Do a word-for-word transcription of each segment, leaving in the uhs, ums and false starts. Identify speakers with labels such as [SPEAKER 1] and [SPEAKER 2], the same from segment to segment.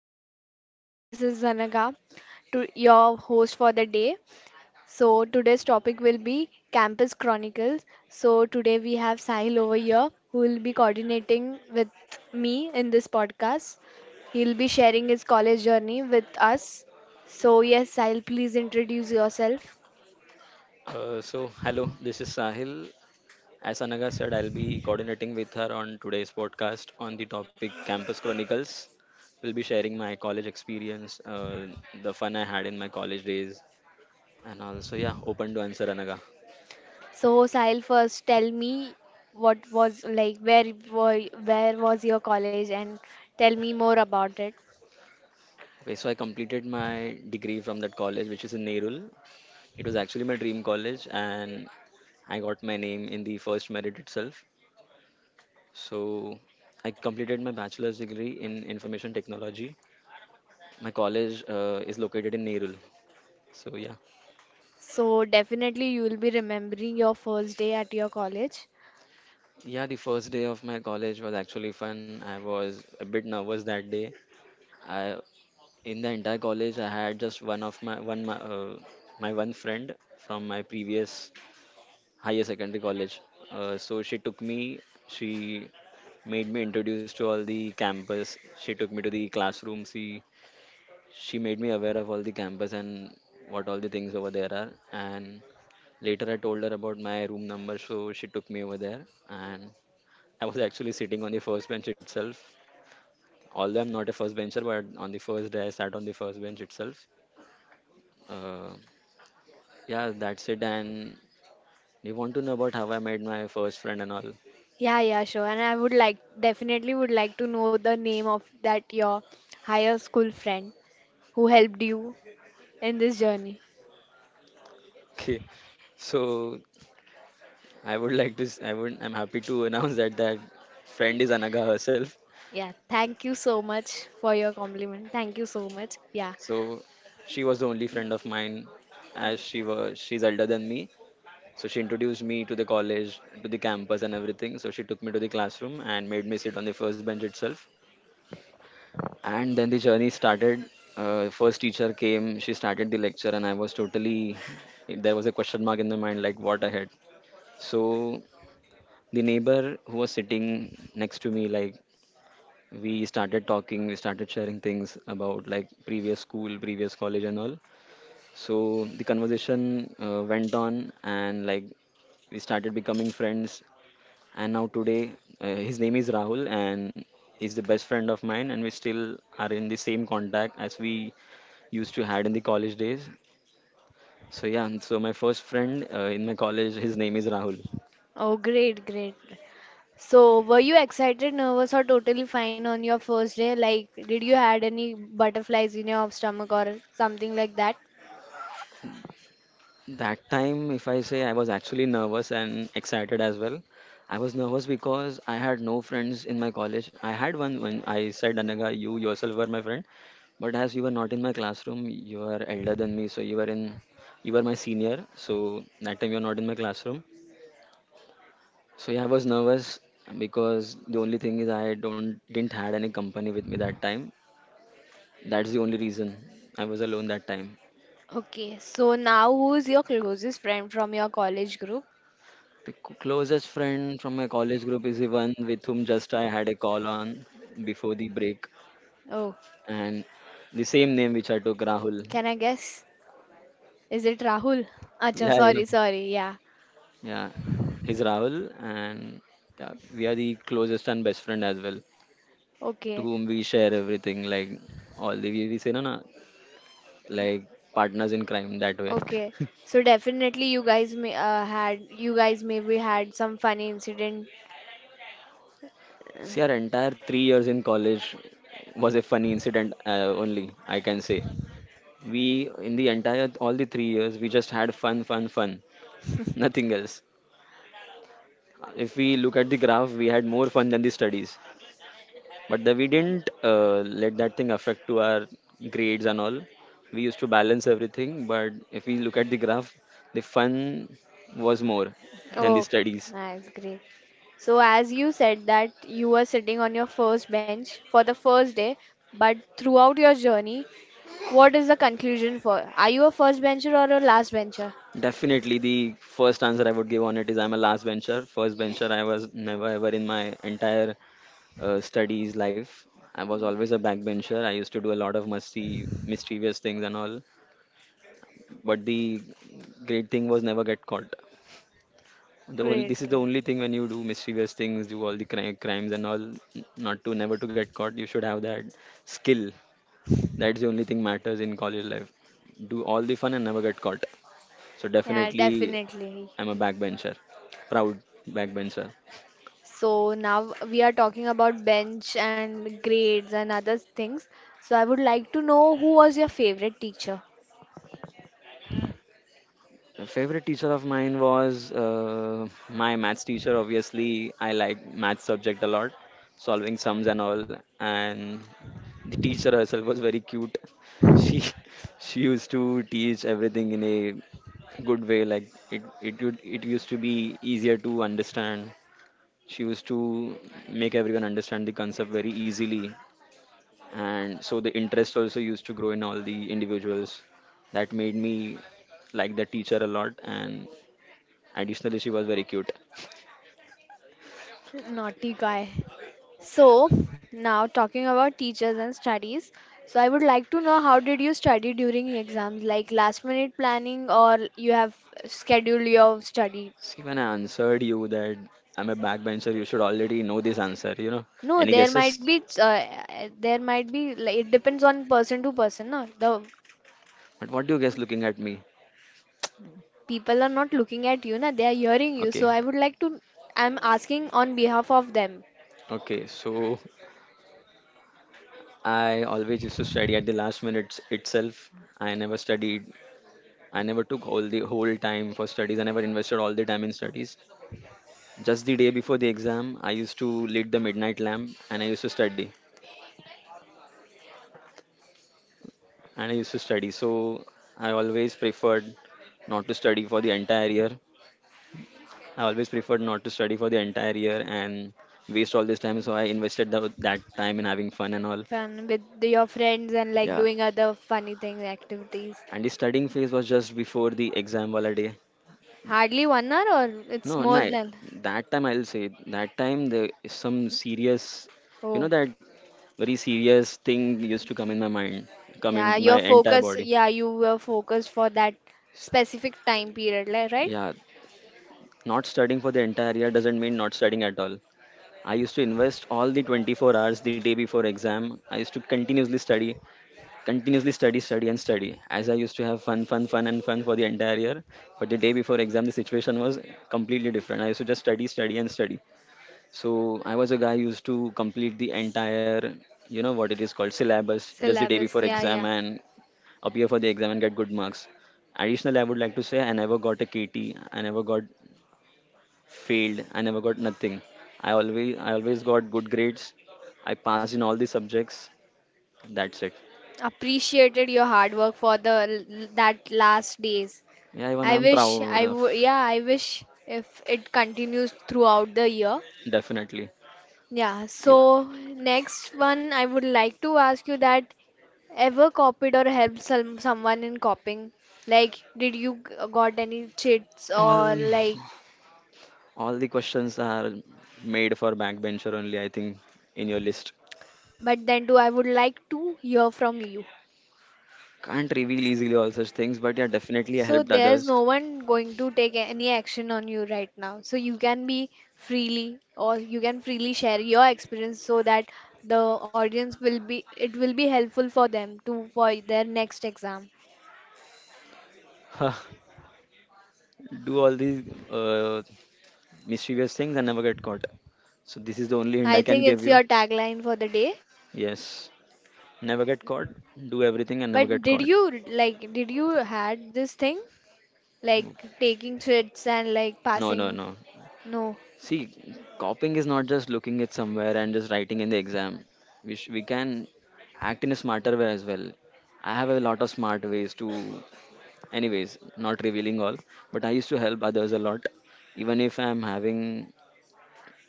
[SPEAKER 1] welcome to our podcast. This is Zanaga, to your host for the day. So, today's topic will be Campus Chronicles. So, today we have Sahil over here who will be coordinating with me in this podcast. He'll be sharing his college journey with us. So, yes, Sahil, please introduce yourself.
[SPEAKER 2] Uh, so, hello, this is Sahil. As Anaga said, I'll be coordinating with her on today's podcast on the topic Campus Chronicles. We'll be sharing my college experience, uh, the fun I had in my college days, and also, yeah, open to answer Anaga.
[SPEAKER 1] So, Sahil, first tell me what was like, where, were- where was your college, and tell me more about it.
[SPEAKER 2] Okay, so I completed my degree from that college, which is in Nerul. It was actually my dream college, and I got my name in the first merit itself. So, I completed my bachelor's degree in information technology. My college uh, is located in Nerul. So yeah,
[SPEAKER 1] So definitely you will be remembering your first day at your college.
[SPEAKER 2] yeah. The first day of my college was actually fun. I was a bit nervous that day. I In the entire college, I had just one of my one my, uh, my one friend from my previous higher secondary college. Uh, so she took me. She made me introduced to all the campus. She took me to the classroom. She she made me aware of all the campus and what all the things over there are. And later, I told her about my room number. So she took me over there, and I was actually sitting on the first bench itself. Although I'm not a first bencher, but on the first day I sat on the first bench itself. Uh, yeah, that's it. And you want to know about how I made my first friend and all?
[SPEAKER 1] Yeah, yeah, sure. And I would like definitely would like to know the name of that your higher school friend who helped you in this journey.
[SPEAKER 2] Okay, so I would like to. s- I would. I'm happy to announce that that friend is Anaga herself.
[SPEAKER 1] Yeah, thank you so much for your compliment. Thank you so much. Yeah.
[SPEAKER 2] So she was the only friend of mine, as she was. she's elder than me. So she introduced me to the college, to the campus, and everything. So she took me to the classroom and made me sit on the first bench itself. And then the journey started. Uh, first teacher came, she started the lecture, and I was totally, there was a question mark in my mind like, what ahead? So the neighbor who was sitting next to me, like, we started talking, we started sharing things about like previous school, previous college, and all. So the conversation uh, went on, and like we started becoming friends, and now today uh, his name is Rahul, and he's the best friend of mine, and we still are in the same contact as we used to had in the college days. So yeah, and so my first friend uh, in my college, his name is Rahul.
[SPEAKER 1] Oh, great, great. So, were you excited, nervous, or totally fine on your first day? Like, did you had any butterflies in your stomach or something like that?
[SPEAKER 2] That time, if I say, I was actually nervous and excited as well. I was nervous because I had no friends in my college. I had one when I said, Anaga, you yourself were my friend. But as you were not in my classroom, you are elder than me, so you were in, you were my senior. So that time you were not in my classroom. So yeah, I was nervous because the only thing is I don't didn't had any company with me that time. That's the only reason I was alone that time.
[SPEAKER 1] Okay, so now who's your closest friend from your college group?
[SPEAKER 2] The c- closest friend from my college group is the one with whom just I had a call on before the break,
[SPEAKER 1] Oh,
[SPEAKER 2] and the same name which I took, Rahul.
[SPEAKER 1] can I guess? Is it Rahul? Acha,
[SPEAKER 2] Yeah, yeah,
[SPEAKER 1] sorry, sorry. Yeah.
[SPEAKER 2] yeah. He's Rahul, and yeah, we are the closest and best friend as well, to
[SPEAKER 1] Okay.
[SPEAKER 2] whom we share everything, like all the we we say, no, no, like partners in crime that way.
[SPEAKER 1] Okay. So definitely you guys may uh, had you guys maybe had some funny incident. uh,
[SPEAKER 2] See, our entire three years in college was a funny incident uh, only, I can say. we in the entire all the three years, we just had fun, fun, fun, nothing else. If we look at the graph, we had more fun than the studies, but the, we didn't uh, let that thing affect to our grades and all. We used to balance everything, but if we look at the graph, the fun was more than the
[SPEAKER 1] Oh,
[SPEAKER 2] studies.
[SPEAKER 1] that's great. So, as you said that you were sitting on your first bench for the first day, but throughout your journey, what is the conclusion for? Are you a first bencher or a last bencher?
[SPEAKER 2] Definitely, the first answer I would give on it is I'm a last bencher. First bencher I was never ever in my entire uh, studies life. I was always a backbencher. I used to do a lot of musty, mischievous things and all. But the great thing was never get caught. The only
[SPEAKER 1] Great,
[SPEAKER 2] this is the
[SPEAKER 1] great.
[SPEAKER 2] only thing, when you do mischievous things, do all the cri- crimes and all, n- not to, never to get caught. You should have that skill. That's the only thing matters in college life. Do all the fun and never get caught. So
[SPEAKER 1] Yeah,
[SPEAKER 2] definitely,
[SPEAKER 1] definitely.
[SPEAKER 2] I'm a backbencher, proud backbencher.
[SPEAKER 1] So now we are talking about bench and grades and other things. So I would like to know who was your favorite teacher?
[SPEAKER 2] A favorite teacher of mine was uh, my maths teacher. Obviously, I like math subject a lot, solving sums and all. And the teacher herself was very cute. She she used to teach everything in a good way. Like it it would, it used to be easier to understand. She used to make everyone understand the concept very easily, and so the interest also used to grow in all the individuals. That made me like the teacher a lot, and additionally, she was very cute.
[SPEAKER 1] Naughty guy. So, now talking about teachers and studies. So, I would like to know how did you study during exams? Like last minute planning or you have scheduled your study?
[SPEAKER 2] See, when I answered you that I'm a backbencher, you should already know this answer, you know.
[SPEAKER 1] No,
[SPEAKER 2] Any
[SPEAKER 1] there
[SPEAKER 2] guesses?
[SPEAKER 1] might be uh, there might be like, it depends on person to person, no? The
[SPEAKER 2] But what do you guess looking at me?
[SPEAKER 1] people are not looking at you, na? They are hearing you.
[SPEAKER 2] Okay,
[SPEAKER 1] So, I would like to I'm asking on behalf of them.
[SPEAKER 2] okay. So I always used to study at the last minute itself. I never studied. I never took all the whole time for studies. I never invested all the time in studies. Just the day before the exam, I used to lit the midnight lamp, and I used to study. and I used to study. So I always preferred not to study for the entire year. I always preferred not to study for the entire year and waste all this time. So I invested the, that time in having fun and all.
[SPEAKER 1] Fun with your friends and like
[SPEAKER 2] Yeah.
[SPEAKER 1] doing other funny things, activities.
[SPEAKER 2] And the studying phase was just before the exam wala day.
[SPEAKER 1] Hardly one hour or it's
[SPEAKER 2] No,
[SPEAKER 1] more
[SPEAKER 2] no.
[SPEAKER 1] than.
[SPEAKER 2] That time I'll say that time there is some serious, you know,
[SPEAKER 1] Oh,
[SPEAKER 2] that very serious thing used to come in my mind, come
[SPEAKER 1] yeah,
[SPEAKER 2] in
[SPEAKER 1] your
[SPEAKER 2] my entire
[SPEAKER 1] focus,
[SPEAKER 2] body.
[SPEAKER 1] yeah, you were focused for that specific time period, li- right?
[SPEAKER 2] Yeah, not studying for the entire year doesn't mean not studying at all. I used to invest all the twenty-four hours the day before exam. I used to continuously study, continuously study, study, and study. As I used to have fun, fun, fun, and fun for the entire year. But the day before exam, the situation was completely different. I used to just study, study, and study. So I was a guy who used to complete the entire, you know, what it is called, syllabus just the day
[SPEAKER 1] Syllabus,
[SPEAKER 2] before
[SPEAKER 1] yeah, yeah.
[SPEAKER 2] exam and appear for the exam and get good marks. Additional, I would like to say, I never got a K T. I never got failed. I never got nothing. I always I always got good grades. I passed in all the subjects. That's it.
[SPEAKER 1] Appreciated your hard work for the l- that last days.
[SPEAKER 2] Yeah, even
[SPEAKER 1] I
[SPEAKER 2] I'm
[SPEAKER 1] wish
[SPEAKER 2] proud
[SPEAKER 1] I
[SPEAKER 2] of
[SPEAKER 1] would, yeah, I wish if it continues throughout the year.
[SPEAKER 2] definitely.
[SPEAKER 1] Yeah,
[SPEAKER 2] Even
[SPEAKER 1] so next one, I would like to ask you that ever copied or helped some, someone in copying? Like, did you g- got any cheats or
[SPEAKER 2] All
[SPEAKER 1] like,
[SPEAKER 2] all the questions are made for backbencher only, I think, in your list.
[SPEAKER 1] but then too, I would like to hear from you.
[SPEAKER 2] Can't reveal easily all such things, but yeah, definitely I
[SPEAKER 1] So
[SPEAKER 2] helped
[SPEAKER 1] there's
[SPEAKER 2] others.
[SPEAKER 1] no one going to take any action on you right now. So you can be freely or you can freely share your experience so that the audience will be, it will be helpful for them to for their next exam.
[SPEAKER 2] Do all these uh, mischievous things and never get caught. So this is the only hint
[SPEAKER 1] I
[SPEAKER 2] I can
[SPEAKER 1] think
[SPEAKER 2] give
[SPEAKER 1] it's
[SPEAKER 2] you.
[SPEAKER 1] your tagline for the day.
[SPEAKER 2] Yes, never get caught. Do everything and never
[SPEAKER 1] But
[SPEAKER 2] get
[SPEAKER 1] did
[SPEAKER 2] caught.
[SPEAKER 1] you like did you had this thing like taking threats and like
[SPEAKER 2] No, no,
[SPEAKER 1] passing?
[SPEAKER 2] no.
[SPEAKER 1] No.
[SPEAKER 2] See, copying is not just looking at somewhere and just writing in the exam. We sh- we can act in a smarter way as well. I have a lot of smart ways to, anyways, not revealing all, but I used to help others a lot. Even if I'm having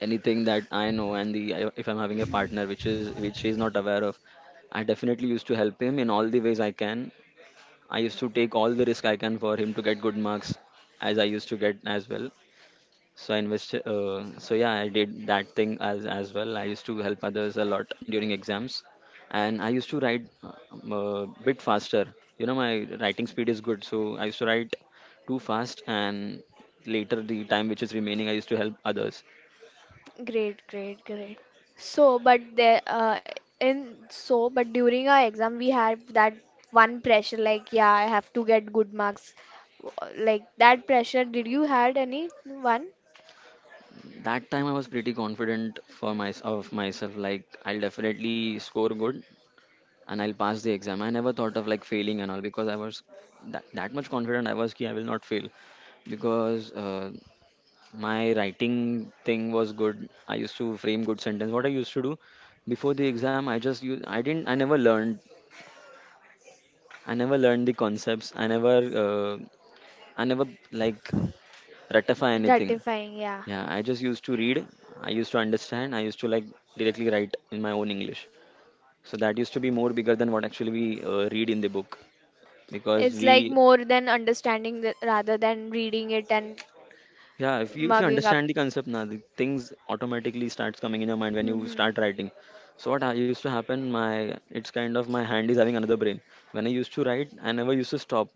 [SPEAKER 2] anything that I know, and the I- if I'm having a partner which is which she is not aware of, I definitely used to help him in all the ways I can. I used to take all the risk I can for him to get good marks, as I used to get as well, so I invested. Uh, so yeah, I did that thing as as well. I used to help others a lot during exams, and I used to write uh, um, a bit faster. You know, my writing speed is good, so I used to write too fast, and later the time which is remaining, I used to help others.
[SPEAKER 1] Great, great, great. So, but there uh, in so but during our exam we had that one pressure like yeah I have to get good marks. W- Like that pressure, did you had any one?
[SPEAKER 2] That time I was pretty confident for my of myself. Like, I'll definitely score good, and I'll pass the exam. I never thought of like failing and all because I was that that much confident I was. Ki I will not fail because uh, my writing thing was good. I used to frame good sentence. What I used to do before the exam, I just use. I didn't. I never learned. I never learned the concepts. I never. Uh, I never like ratify anything.
[SPEAKER 1] Ratifying, yeah.
[SPEAKER 2] Yeah, I just used to read. I used to understand. I used to like directly write in my own English. So that used to be more bigger than what actually we uh, read in the book. Because
[SPEAKER 1] It's
[SPEAKER 2] we
[SPEAKER 1] like more than understanding the, rather than reading it and
[SPEAKER 2] Yeah, if you if you
[SPEAKER 1] mugging up.
[SPEAKER 2] understand the concept, now the things automatically starts coming in your mind when you
[SPEAKER 1] Hmm.
[SPEAKER 2] start writing. So what I used to happen, my it's kind of my hand is having another brain. When I used to write, I never used to stop.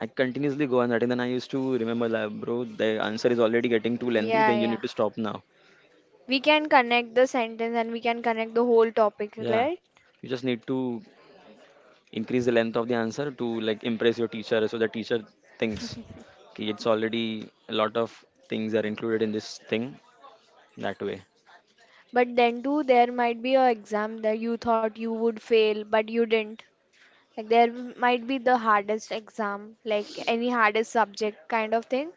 [SPEAKER 2] I continuously go on writing. Then I used to remember like, bro, the answer is already getting too lengthy,
[SPEAKER 1] Yeah,
[SPEAKER 2] then you
[SPEAKER 1] yeah.
[SPEAKER 2] need to stop now.
[SPEAKER 1] We can connect the sentence and we can connect the whole topic,
[SPEAKER 2] Yeah,
[SPEAKER 1] right?
[SPEAKER 2] you just need to increase the length of the answer to like impress your teacher, so the teacher thinks, okay, it's already a lot of things are included in this thing, that way.
[SPEAKER 1] But then too there might be a exam that you thought you would fail but you didn't. Like there might be the hardest exam, like any hardest subject kind of thing.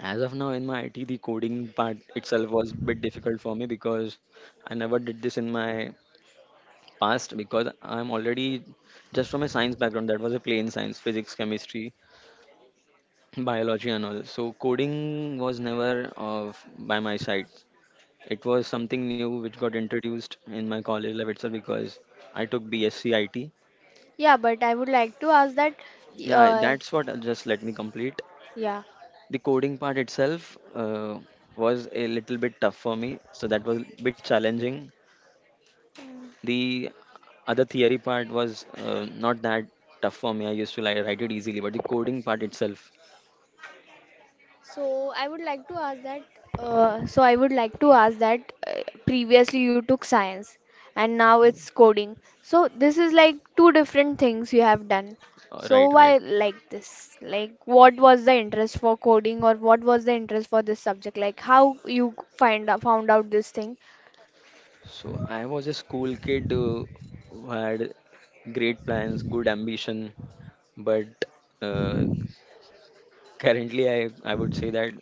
[SPEAKER 2] As of now, in my I T, the coding part itself was a bit difficult for me because I never did this in my past, because I'm already just from a science background. That was a plain science, physics, chemistry, biology, and all. So coding was never of by my side. It was something new which got introduced in my college life itself because I took B.Sc.I T.
[SPEAKER 1] Yeah, but I would like to ask that,
[SPEAKER 2] Yeah,
[SPEAKER 1] uh
[SPEAKER 2] that's what, uh, just let me complete.
[SPEAKER 1] yeah.
[SPEAKER 2] The coding part itself uh, was a little bit tough for me, so that was a bit challenging. The other theory part was uh, not that tough for me. I used to like write it easily, but the coding part itself,
[SPEAKER 1] So I would like to ask that. Uh, so I would like to ask that. Uh, previously, you took science, and now it's coding. So this is like two different things you have done.
[SPEAKER 2] uh,
[SPEAKER 1] So
[SPEAKER 2] right, right.
[SPEAKER 1] why like this? Like, what was the interest for coding, or what was the interest for this subject? Like, how you find out, found out this thing?
[SPEAKER 2] So I was a school kid uh, who had great plans, good ambition, but uh, currently, I, I would say that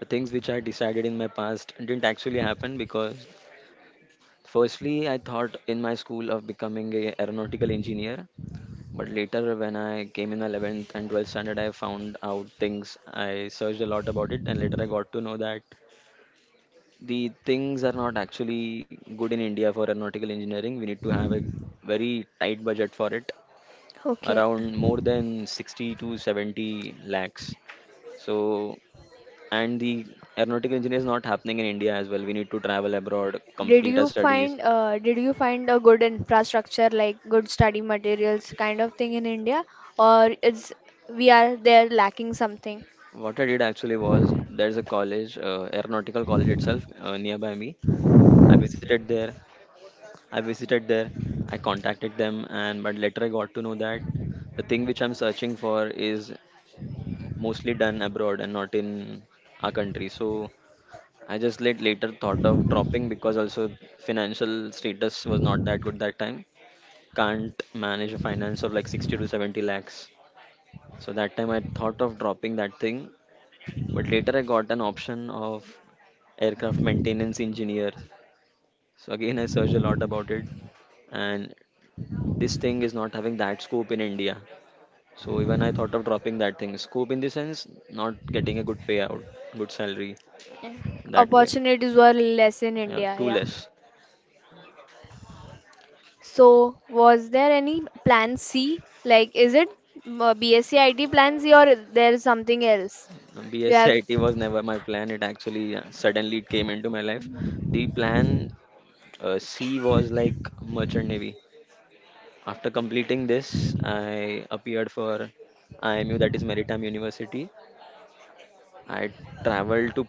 [SPEAKER 2] the things which I decided in my past didn't actually happen because, firstly, I thought in my school of becoming a aeronautical engineer. But later, when I came in eleventh and twelfth standard, I found out things. I searched a lot about it, and later I got to know that the things are not actually good in India for aeronautical engineering. We need to have a very tight budget for it,
[SPEAKER 1] Okay.
[SPEAKER 2] around more than sixty to seventy lakhs. So and the aeronautical engineering is not happening in India as well. We need to travel abroad, complete
[SPEAKER 1] Did
[SPEAKER 2] our
[SPEAKER 1] you
[SPEAKER 2] studies.
[SPEAKER 1] find uh, did you find a good infrastructure like good study materials kind of thing in India, or is we are there lacking something?
[SPEAKER 2] What I did actually was there's a college, uh, aeronautical college itself uh, nearby me. I visited there. I visited there. I contacted them, and but later I got to know that the thing which I'm searching for is mostly done abroad and not in our country. So I just late later thought of dropping, because also financial status was not that good that time, can't manage a finance of like sixty to seventy lakhs. So that time I thought of dropping that thing, but later I got an option of aircraft maintenance engineer. So again, I searched a lot about it, and this thing is not having that scope in India. So even I thought of dropping that thing. Scope in the sense, not getting a good payout, good salary,
[SPEAKER 1] Yeah.
[SPEAKER 2] that way.
[SPEAKER 1] Opportunities were less in
[SPEAKER 2] Yeah,
[SPEAKER 1] India,
[SPEAKER 2] too
[SPEAKER 1] yeah.
[SPEAKER 2] less.
[SPEAKER 1] So was there any plan C? Like is it uh, B S C I T plan C or is there something else? You have.
[SPEAKER 2] BSc was never my plan. It actually uh, suddenly it came into my life. The plan Uh, C was like merchant navy. After completing this, I appeared for I M U, that is Maritime University. I traveled to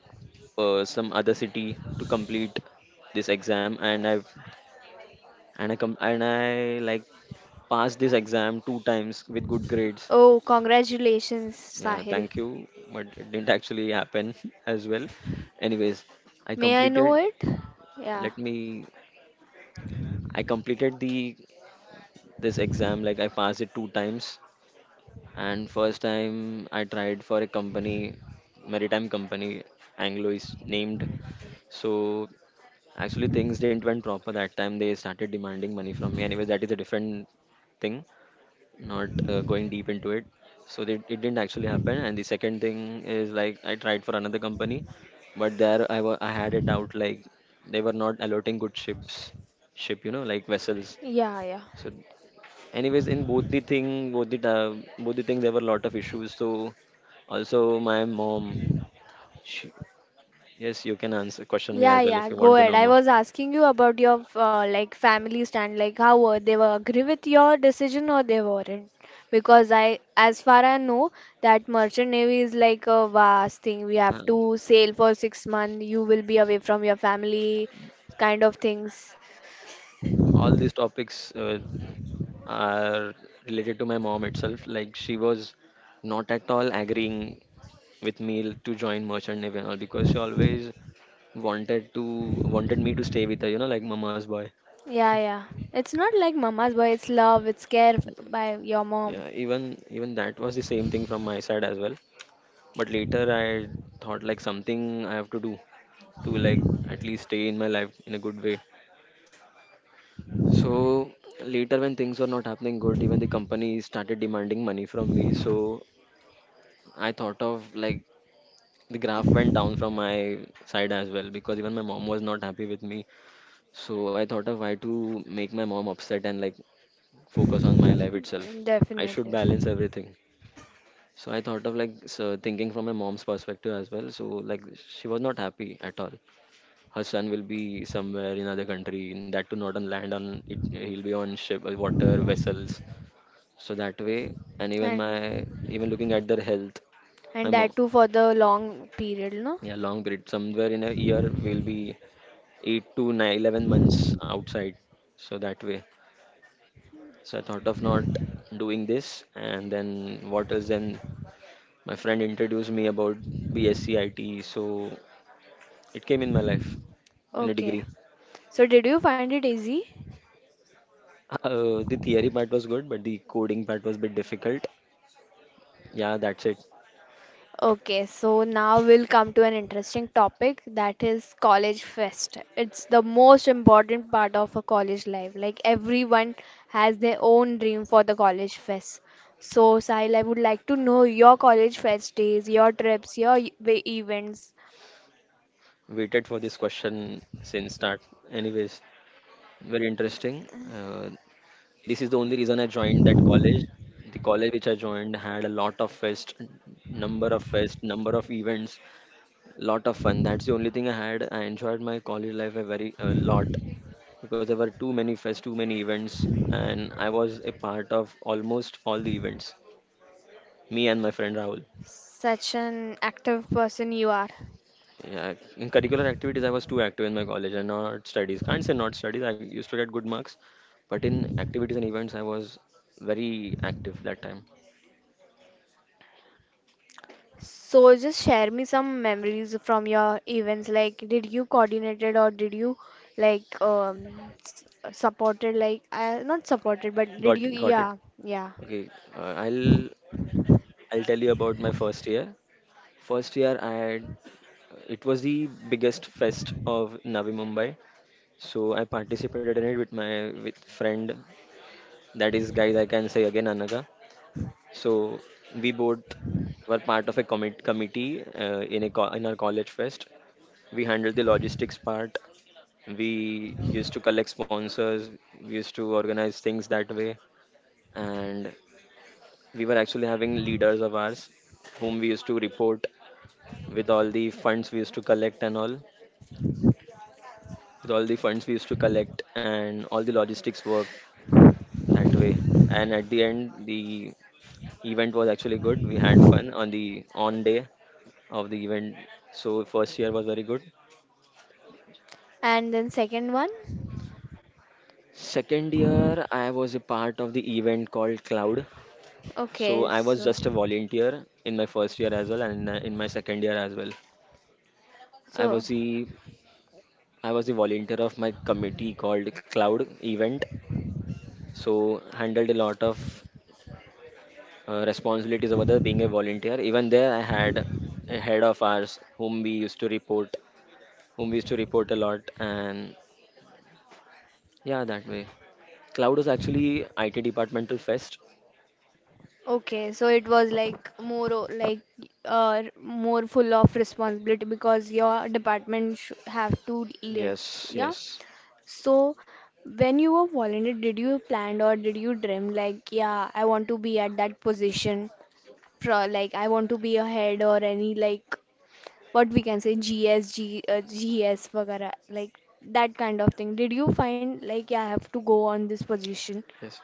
[SPEAKER 2] uh, some other city to complete this exam, and I and I com- and I like passed this exam two times with good grades.
[SPEAKER 1] Oh, congratulations,
[SPEAKER 2] Yeah,
[SPEAKER 1] Sahil.
[SPEAKER 2] thank you, but it didn't actually happen as well. Anyways, I
[SPEAKER 1] May I know
[SPEAKER 2] completed.
[SPEAKER 1] it? Yeah,
[SPEAKER 2] Let me. I completed the this exam, like I passed it two times. And first time I tried for a company, maritime company. Anglo is named. So actually things didn't went proper that time. They started demanding money from me. Anyways, that is a different thing, not uh, going deep into it. So they, it didn't actually happen, and the second thing is like I tried for another company, but there i, wa- I had a doubt like they were not allotting good ships ship you know like vessels.
[SPEAKER 1] yeah, yeah.
[SPEAKER 2] So Anyways, in both the thing, both the time, both the thing, there were a lot of issues. So also my mom, she, yes, you can answer question me
[SPEAKER 1] Yeah,
[SPEAKER 2] as well if
[SPEAKER 1] yeah,
[SPEAKER 2] you
[SPEAKER 1] go
[SPEAKER 2] want to
[SPEAKER 1] ahead.
[SPEAKER 2] know
[SPEAKER 1] I
[SPEAKER 2] more.
[SPEAKER 1] was asking you about your uh, like family stand, like how were they were agree with your decision or they weren't. Because I, as far I know, that merchant navy is like a vast thing. We
[SPEAKER 2] Uh,
[SPEAKER 1] have to sail for six months. You will be away from your family, kind of things.
[SPEAKER 2] all these topics uh, are related to my mom itself. Like she was not at all agreeing with me to join merchant navy and all because she always wanted to wanted me to stay with her, you know, like mama's boy.
[SPEAKER 1] Yeah, yeah. It's not like mama's boy. It's love. It's care by your mom.
[SPEAKER 2] Yeah, even even that was the same thing from my side as well. But later I thought like something I have to do to like at least stay in my life in a good way. So later when things were not happening good, even the company started demanding money from me. So I thought of like the graph went down from my side as well because even my mom was not happy with me. So I thought of why to make my mom upset and like focus on my life
[SPEAKER 1] Mm,
[SPEAKER 2] itself. I should
[SPEAKER 1] definitely.
[SPEAKER 2] balance everything. So I thought of like so thinking from my mom's perspective as well. So like she was not happy at all. Her son will be somewhere in other country, and that too not on land. On it, he'll be on ship, uh, water vessels. So that way, and even
[SPEAKER 1] And
[SPEAKER 2] my even looking at their health, my
[SPEAKER 1] And
[SPEAKER 2] mom,
[SPEAKER 1] that too for the long period, no?
[SPEAKER 2] yeah, long period. Somewhere in a year, we'll be eight to nine, eleven months outside. So that way. So I thought of not doing this. And then what else? Then my friend introduced me about BSc I T. So it came in my life in a
[SPEAKER 1] Okay.
[SPEAKER 2] degree.
[SPEAKER 1] So, did you find it easy?
[SPEAKER 2] Uh, the theory part was good, but the coding part was a bit difficult. Yeah, that's it.
[SPEAKER 1] Okay, so now we'll come to an interesting topic that is college fest. It's the most important part of a college life. Like everyone has their own dream for the college fest. So, Sahil, I would like to know your college fest days, your trips, your e- events.
[SPEAKER 2] Waited for this question since start. Anyways, very interesting. Uh, This is the only reason I joined that college. The college which I joined had a lot of fest, number of fest, number of events, lot of fun. That's the only thing I had. I enjoyed my college life a very a lot because there were too many fest, too many events, and I was a part of almost all the events. Me and my friend Rahul.
[SPEAKER 1] Such an active person you are.
[SPEAKER 2] Yeah, in curricular activities, I was too active in my college and not studies. Can't say not studies. I used to get good marks, but in activities and events, I was very active that time.
[SPEAKER 1] So just share me some memories from your events. Like, did you
[SPEAKER 2] Who
[SPEAKER 1] coordinated or did you like um, s- supported? Like, uh, not supported, but did
[SPEAKER 2] Got
[SPEAKER 1] you?
[SPEAKER 2] got it.
[SPEAKER 1] Yeah, yeah.
[SPEAKER 2] Okay, uh, I'll I'll tell you about my first year. First year, I had it was the biggest fest of Navi Mumbai. So I participated in it with my with friend. That is, guys, I can say again, Anaga. So we both were part of a commit committee uh, in a co- in our college fest. We handled the logistics part. We used to collect sponsors. We used to organize things that way, and we were actually having leaders of ours, whom we used to report with all the funds we used to collect and all, with all the funds we used to collect and all the logistics work, that way. And at the end, the event was actually good. We had fun on the on day of the event. So first year was very good.
[SPEAKER 1] And then second one.
[SPEAKER 2] Second year, I was a part of the event called Cloud. So
[SPEAKER 1] Okay,
[SPEAKER 2] I was
[SPEAKER 1] so
[SPEAKER 2] just a volunteer in my first year as well, and uh, in my second year as well. I
[SPEAKER 1] so
[SPEAKER 2] was the I was the volunteer of my committee called Cloud Event. So handled a lot of uh, responsibilities over there being a volunteer. Even there, I had a head of ours whom we used to report, whom we used to report a lot, and yeah, that way. Cloud was actually I T departmental fest.
[SPEAKER 1] okay, so it was like more o- like uh more full of responsibility because your department sh have to lead.
[SPEAKER 2] Yes,
[SPEAKER 1] Yeah.
[SPEAKER 2] yes,
[SPEAKER 1] So, when you were volunteer, did you plan or did you dream like, yeah, I want to be at that position, pro like I want to be a head or any like what we can say G S G, uh, G S, vagara, like that kind of thing. Did you find like, yeah, I have to go on this position?
[SPEAKER 2] yes.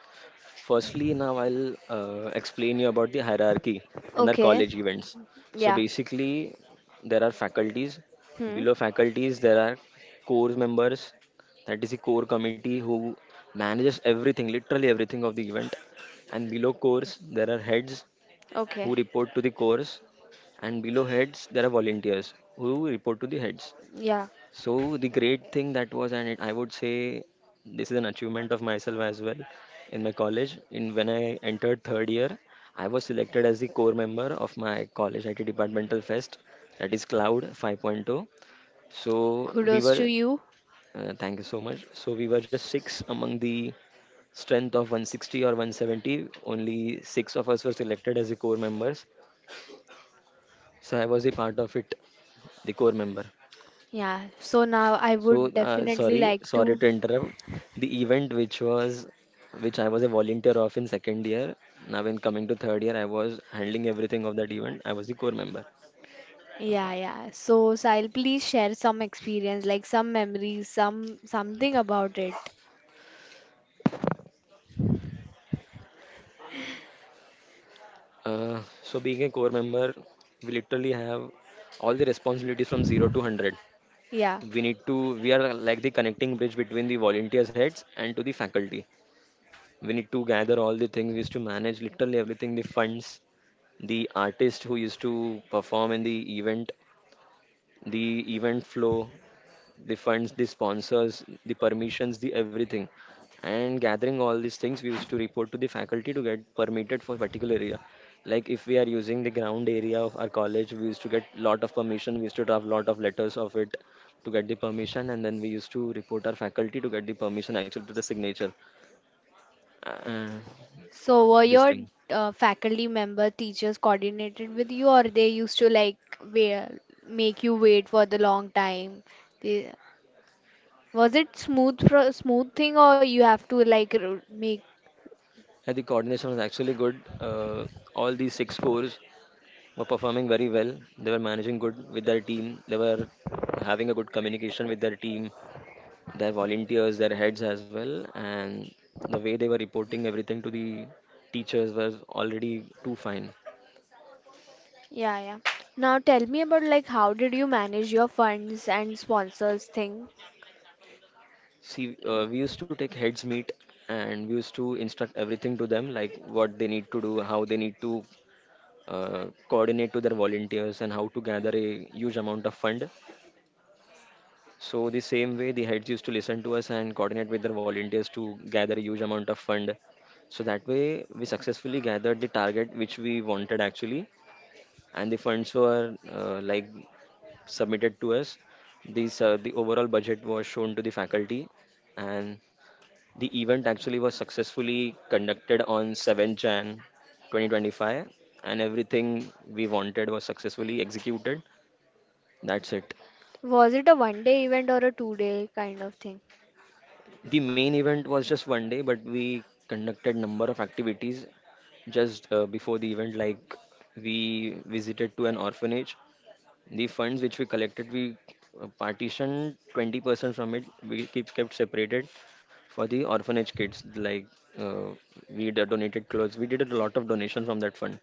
[SPEAKER 2] Firstly, now I'll uh, explain you about the hierarchy in our
[SPEAKER 1] Okay.
[SPEAKER 2] college events. So
[SPEAKER 1] Yeah.
[SPEAKER 2] basically, there are faculties.
[SPEAKER 1] Hmm.
[SPEAKER 2] Below faculties, there are core members. That is the core committee who manages everything, literally everything of the event. And below cores, there are heads
[SPEAKER 1] Okay.
[SPEAKER 2] who report to the cores. And below heads, there are volunteers who report to the heads.
[SPEAKER 1] Yeah.
[SPEAKER 2] So the great thing that was, and it, I would say this is an achievement of myself as well. In my college, in when I entered third year, I was selected as the core member of my college I T departmental fest, that is Cloud 5.0. So we
[SPEAKER 1] Kudos to
[SPEAKER 2] were,
[SPEAKER 1] you.
[SPEAKER 2] uh, thank you so much. So we were just six among the strength of one sixty or one seventy. Only six of us were selected as the core members. So I was a part of it, the core member.
[SPEAKER 1] Yeah. So now I
[SPEAKER 2] So,
[SPEAKER 1] would
[SPEAKER 2] uh,
[SPEAKER 1] definitely
[SPEAKER 2] sorry,
[SPEAKER 1] like
[SPEAKER 2] sorry
[SPEAKER 1] to.
[SPEAKER 2] to interrupt. The event which was, which I was a volunteer of in second year. Now, when coming to third year, I was handling everything of that event. I was the core member.
[SPEAKER 1] Yeah, yeah. So, Sahil, please share some experience, like some memories, some something about it.
[SPEAKER 2] Uh, so, being a core member, we literally have all the responsibilities from zero to hundred.
[SPEAKER 1] Yeah.
[SPEAKER 2] We need to, we are like the connecting bridge between the volunteers' heads and to the faculty. We need to gather all the things, we used to manage literally everything: the funds, the artist who used to perform in the event, the event flow, the funds, the sponsors, the permissions, the everything. And gathering all these things, we used to report to the faculty to get permitted for particular area. Like if we are using the ground area of our college, we used to get lot of permission. We used to draft lot of letters of it to get the permission, and then we used to report our faculty to get the permission actually to the signature. Uh,
[SPEAKER 1] So, were
[SPEAKER 2] this
[SPEAKER 1] your
[SPEAKER 2] thing.
[SPEAKER 1] uh, faculty member teachers coordinated with you, or they used to like wait, make you wait for the long time? They, was it smooth pro smooth thing, or you have to like r- make?
[SPEAKER 2] Yeah, the coordination was actually good. Uh, all these six fours were performing very well. They were managing good with their team. They were having a good communication with their team, their volunteers, their heads as well. And the way they were reporting everything to the teachers was already too fine.
[SPEAKER 1] Yeah, yeah. Now tell me about like how did you manage your funds and sponsors thing?
[SPEAKER 2] See, uh, we used to take heads meet and we used to instruct everything to them, like what they need to do, how they need to uh, coordinate to their volunteers, and how to gather a huge amount of fund. So the same way the heads used to listen to us and coordinate with their volunteers to gather a huge amount of fund. So that way we successfully gathered the target which we wanted actually, and the funds were uh, like submitted to us. These uh, the overall budget was shown to the faculty, and the event actually was successfully conducted on seventh of January twenty twenty-five, and everything we wanted was successfully executed. That's it.
[SPEAKER 1] Was it a one day event or a two day kind of thing?
[SPEAKER 2] The main event was just one day, but we conducted number of activities just uh, before the event. Like we visited to an orphanage. The funds which we collected, we uh, partitioned twenty percent from it. We keep kept separated for the orphanage kids. Like uh, we d- donated clothes. We did a lot of donation from that fund.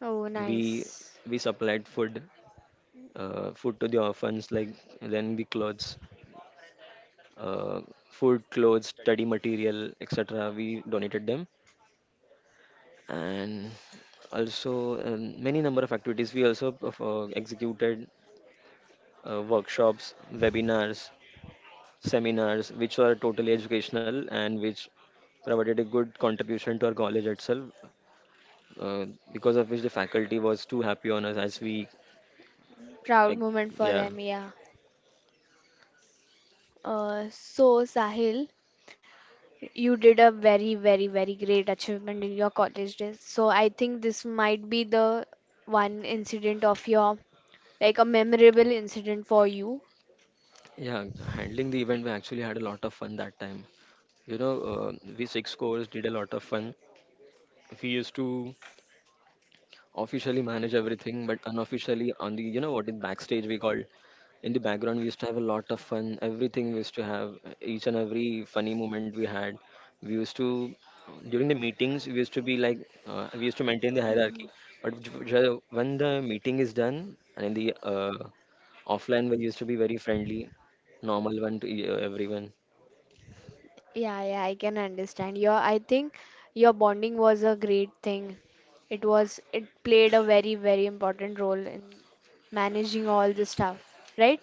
[SPEAKER 1] Oh,
[SPEAKER 2] We
[SPEAKER 1] nice.
[SPEAKER 2] we supplied food, uh, food to the orphans. Like then the clothes, uh, food, clothes, study material, et cetera. We donated them, and also um, many number of activities. We also uh, executed uh, workshops, webinars, seminars, which were totally educational and which provided a good contribution to our college itself. Uh, because of which the faculty was too happy on us as we, uh,
[SPEAKER 1] Proud moment for
[SPEAKER 2] yeah,
[SPEAKER 1] them, yeah. Uh, so, Sahil, you did a very, very, very great achievement in your college days. So, I think this might be the one incident of your, like a memorable incident for you.
[SPEAKER 2] yeah, handling the event. We actually had a lot of fun that time. You know, uh, we six scores did a lot of fun. We used to officially manage everything, but unofficially on the you know what in backstage we called, in the background, we used to have a lot of fun. Everything we used to have, each and every funny moment we had. We used to, during the meetings, we used to be like, uh, we used to maintain the hierarchy,
[SPEAKER 1] Mhm.
[SPEAKER 2] but j- j- when the meeting is done and in the uh, offline we used to be very friendly, normal one to e- everyone.
[SPEAKER 1] Yeah, yeah, I can understand. Your, I think your bonding was a great thing. It was, it played a very, very important role in managing all the stuff, right?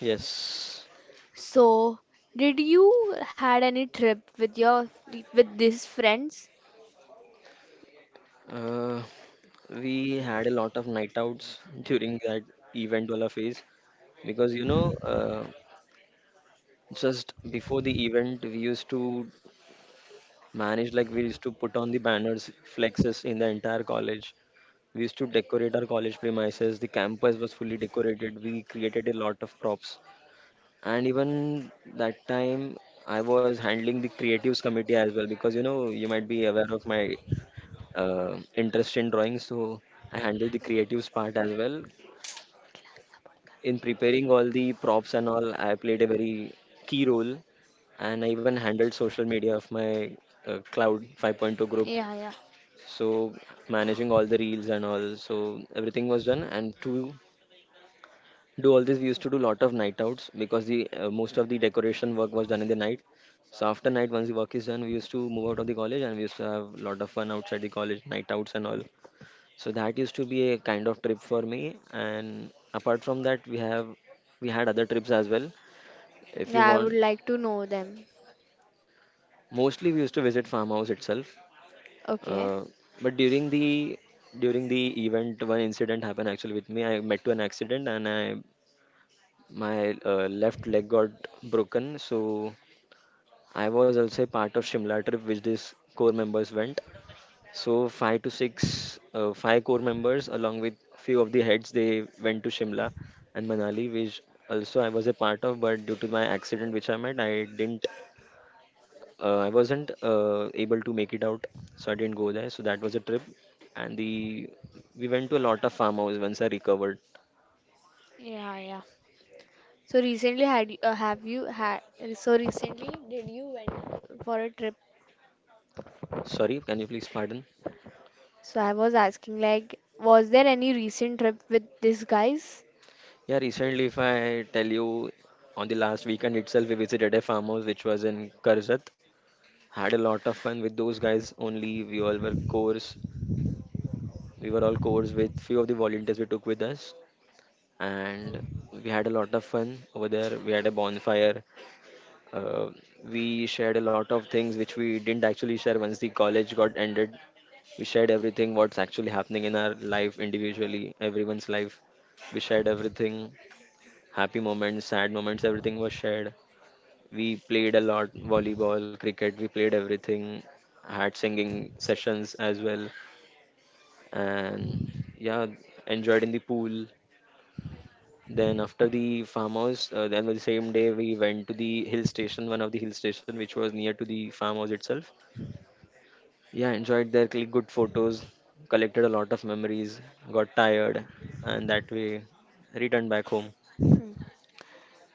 [SPEAKER 2] Yes.
[SPEAKER 1] So, did you had any trip with your with these friends?
[SPEAKER 2] Uh, we had a lot of night outs during that event wala phase because you know, uh, just before the event, we used to manage like we used to put on the banners, flexes in the entire college. We used to decorate our college premises. The campus was fully decorated. We created a lot of props, and even that time, I was handling the creatives committee as well because you know you might be aware of my uh, interest in drawing, so I handled the creatives part as well. In preparing all the props and all, I played a very key role, and I even handled social media of my uh, Cloud 5.0 group.
[SPEAKER 1] Yeah, yeah.
[SPEAKER 2] So managing all the reels and all, so everything was done. And to do all this, we used to do lot of night outs because the uh, most of the decoration work was done in the night. So after night, once the work is done, we used to move out of the college and we used to have lot of fun outside the college, night outs and all. So that used to be a kind of trip for me. And apart from that, we have we had other trips as well. If you
[SPEAKER 1] Yeah, I would
[SPEAKER 2] want,
[SPEAKER 1] like to know them.
[SPEAKER 2] mostly we used to visit farmhouse itself.
[SPEAKER 1] Okay.
[SPEAKER 2] Uh, but during the during the event, one incident happened actually with me. I met to an accident and I my uh, left leg got broken. So I was also a part of Shimla trip, which these core members went. So five to six, uh, five core members along with few of the heads, they went to Shimla and Manali, which also I was a part of, but due to my accident which I met, I didn't, uh, I wasn't uh, able to make it out, so I didn't go there. So that was a trip, and the we went to a lot of farmhouse once I recovered.
[SPEAKER 1] Yeah, yeah. So recently had you- uh, have you had so recently did you went for a trip?
[SPEAKER 2] Sorry, can you please pardon?
[SPEAKER 1] So I was asking like was there any recent trip with these guys?
[SPEAKER 2] Yeah, recently, if I tell you, on the last weekend itself, we visited a farmhouse which was in Karzat. Had a lot of fun with those guys only. We all were core, We were all codes with few of the volunteers we took with us, and we had a lot of fun over there. We had a bonfire. Uh, we shared a lot of things which we didn't actually share once the college got ended. We shared everything what's actually happening in our life individually, everyone's life. We shared everything, happy moments, sad moments, everything was shared. We played a lot volleyball, cricket, we played everything, had singing sessions as well, and yeah, enjoyed in the pool. Then after the farmhouse, uh, then the same day we went to the hill station, one of the hill station which was near to the farmhouse itself. Yeah, enjoyed there, clicked good photos, collected a lot of memories, got tired, and that way returned back home.
[SPEAKER 1] Hmm.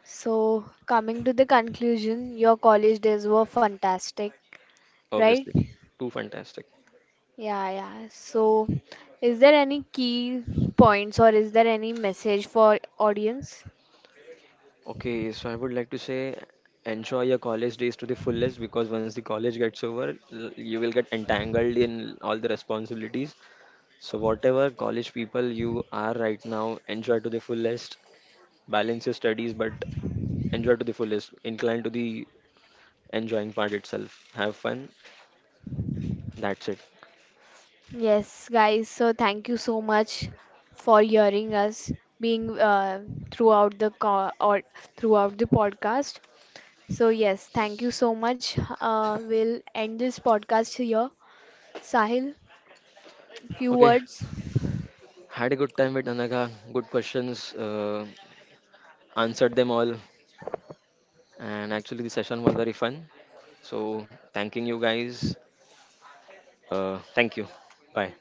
[SPEAKER 1] So coming to the conclusion, your college days were fantastic, right?
[SPEAKER 2] Obviously, too fantastic.
[SPEAKER 1] Yeah, yeah. So, is there any key points or is there any message for audience?
[SPEAKER 2] Okay, so I would like to say enjoy your college days to the fullest because once the college gets over, l- you will get entangled in all the responsibilities. So whatever college people you are right now, enjoy to the fullest. Balance your studies, but enjoy to the fullest. Incline to the enjoying part itself. Have fun. That's it.
[SPEAKER 1] Yes, guys. So, thank you so much for hearing us being uh, throughout the co- or throughout the podcast. So, yes, thank you so much. Uh, we'll end this podcast here. Sahil, few
[SPEAKER 2] Okay,
[SPEAKER 1] words.
[SPEAKER 2] had a good time with Anagha. Good questions. Uh, answered them all. And actually, the session was very fun. So, thanking you guys. Uh, thank you. Bye.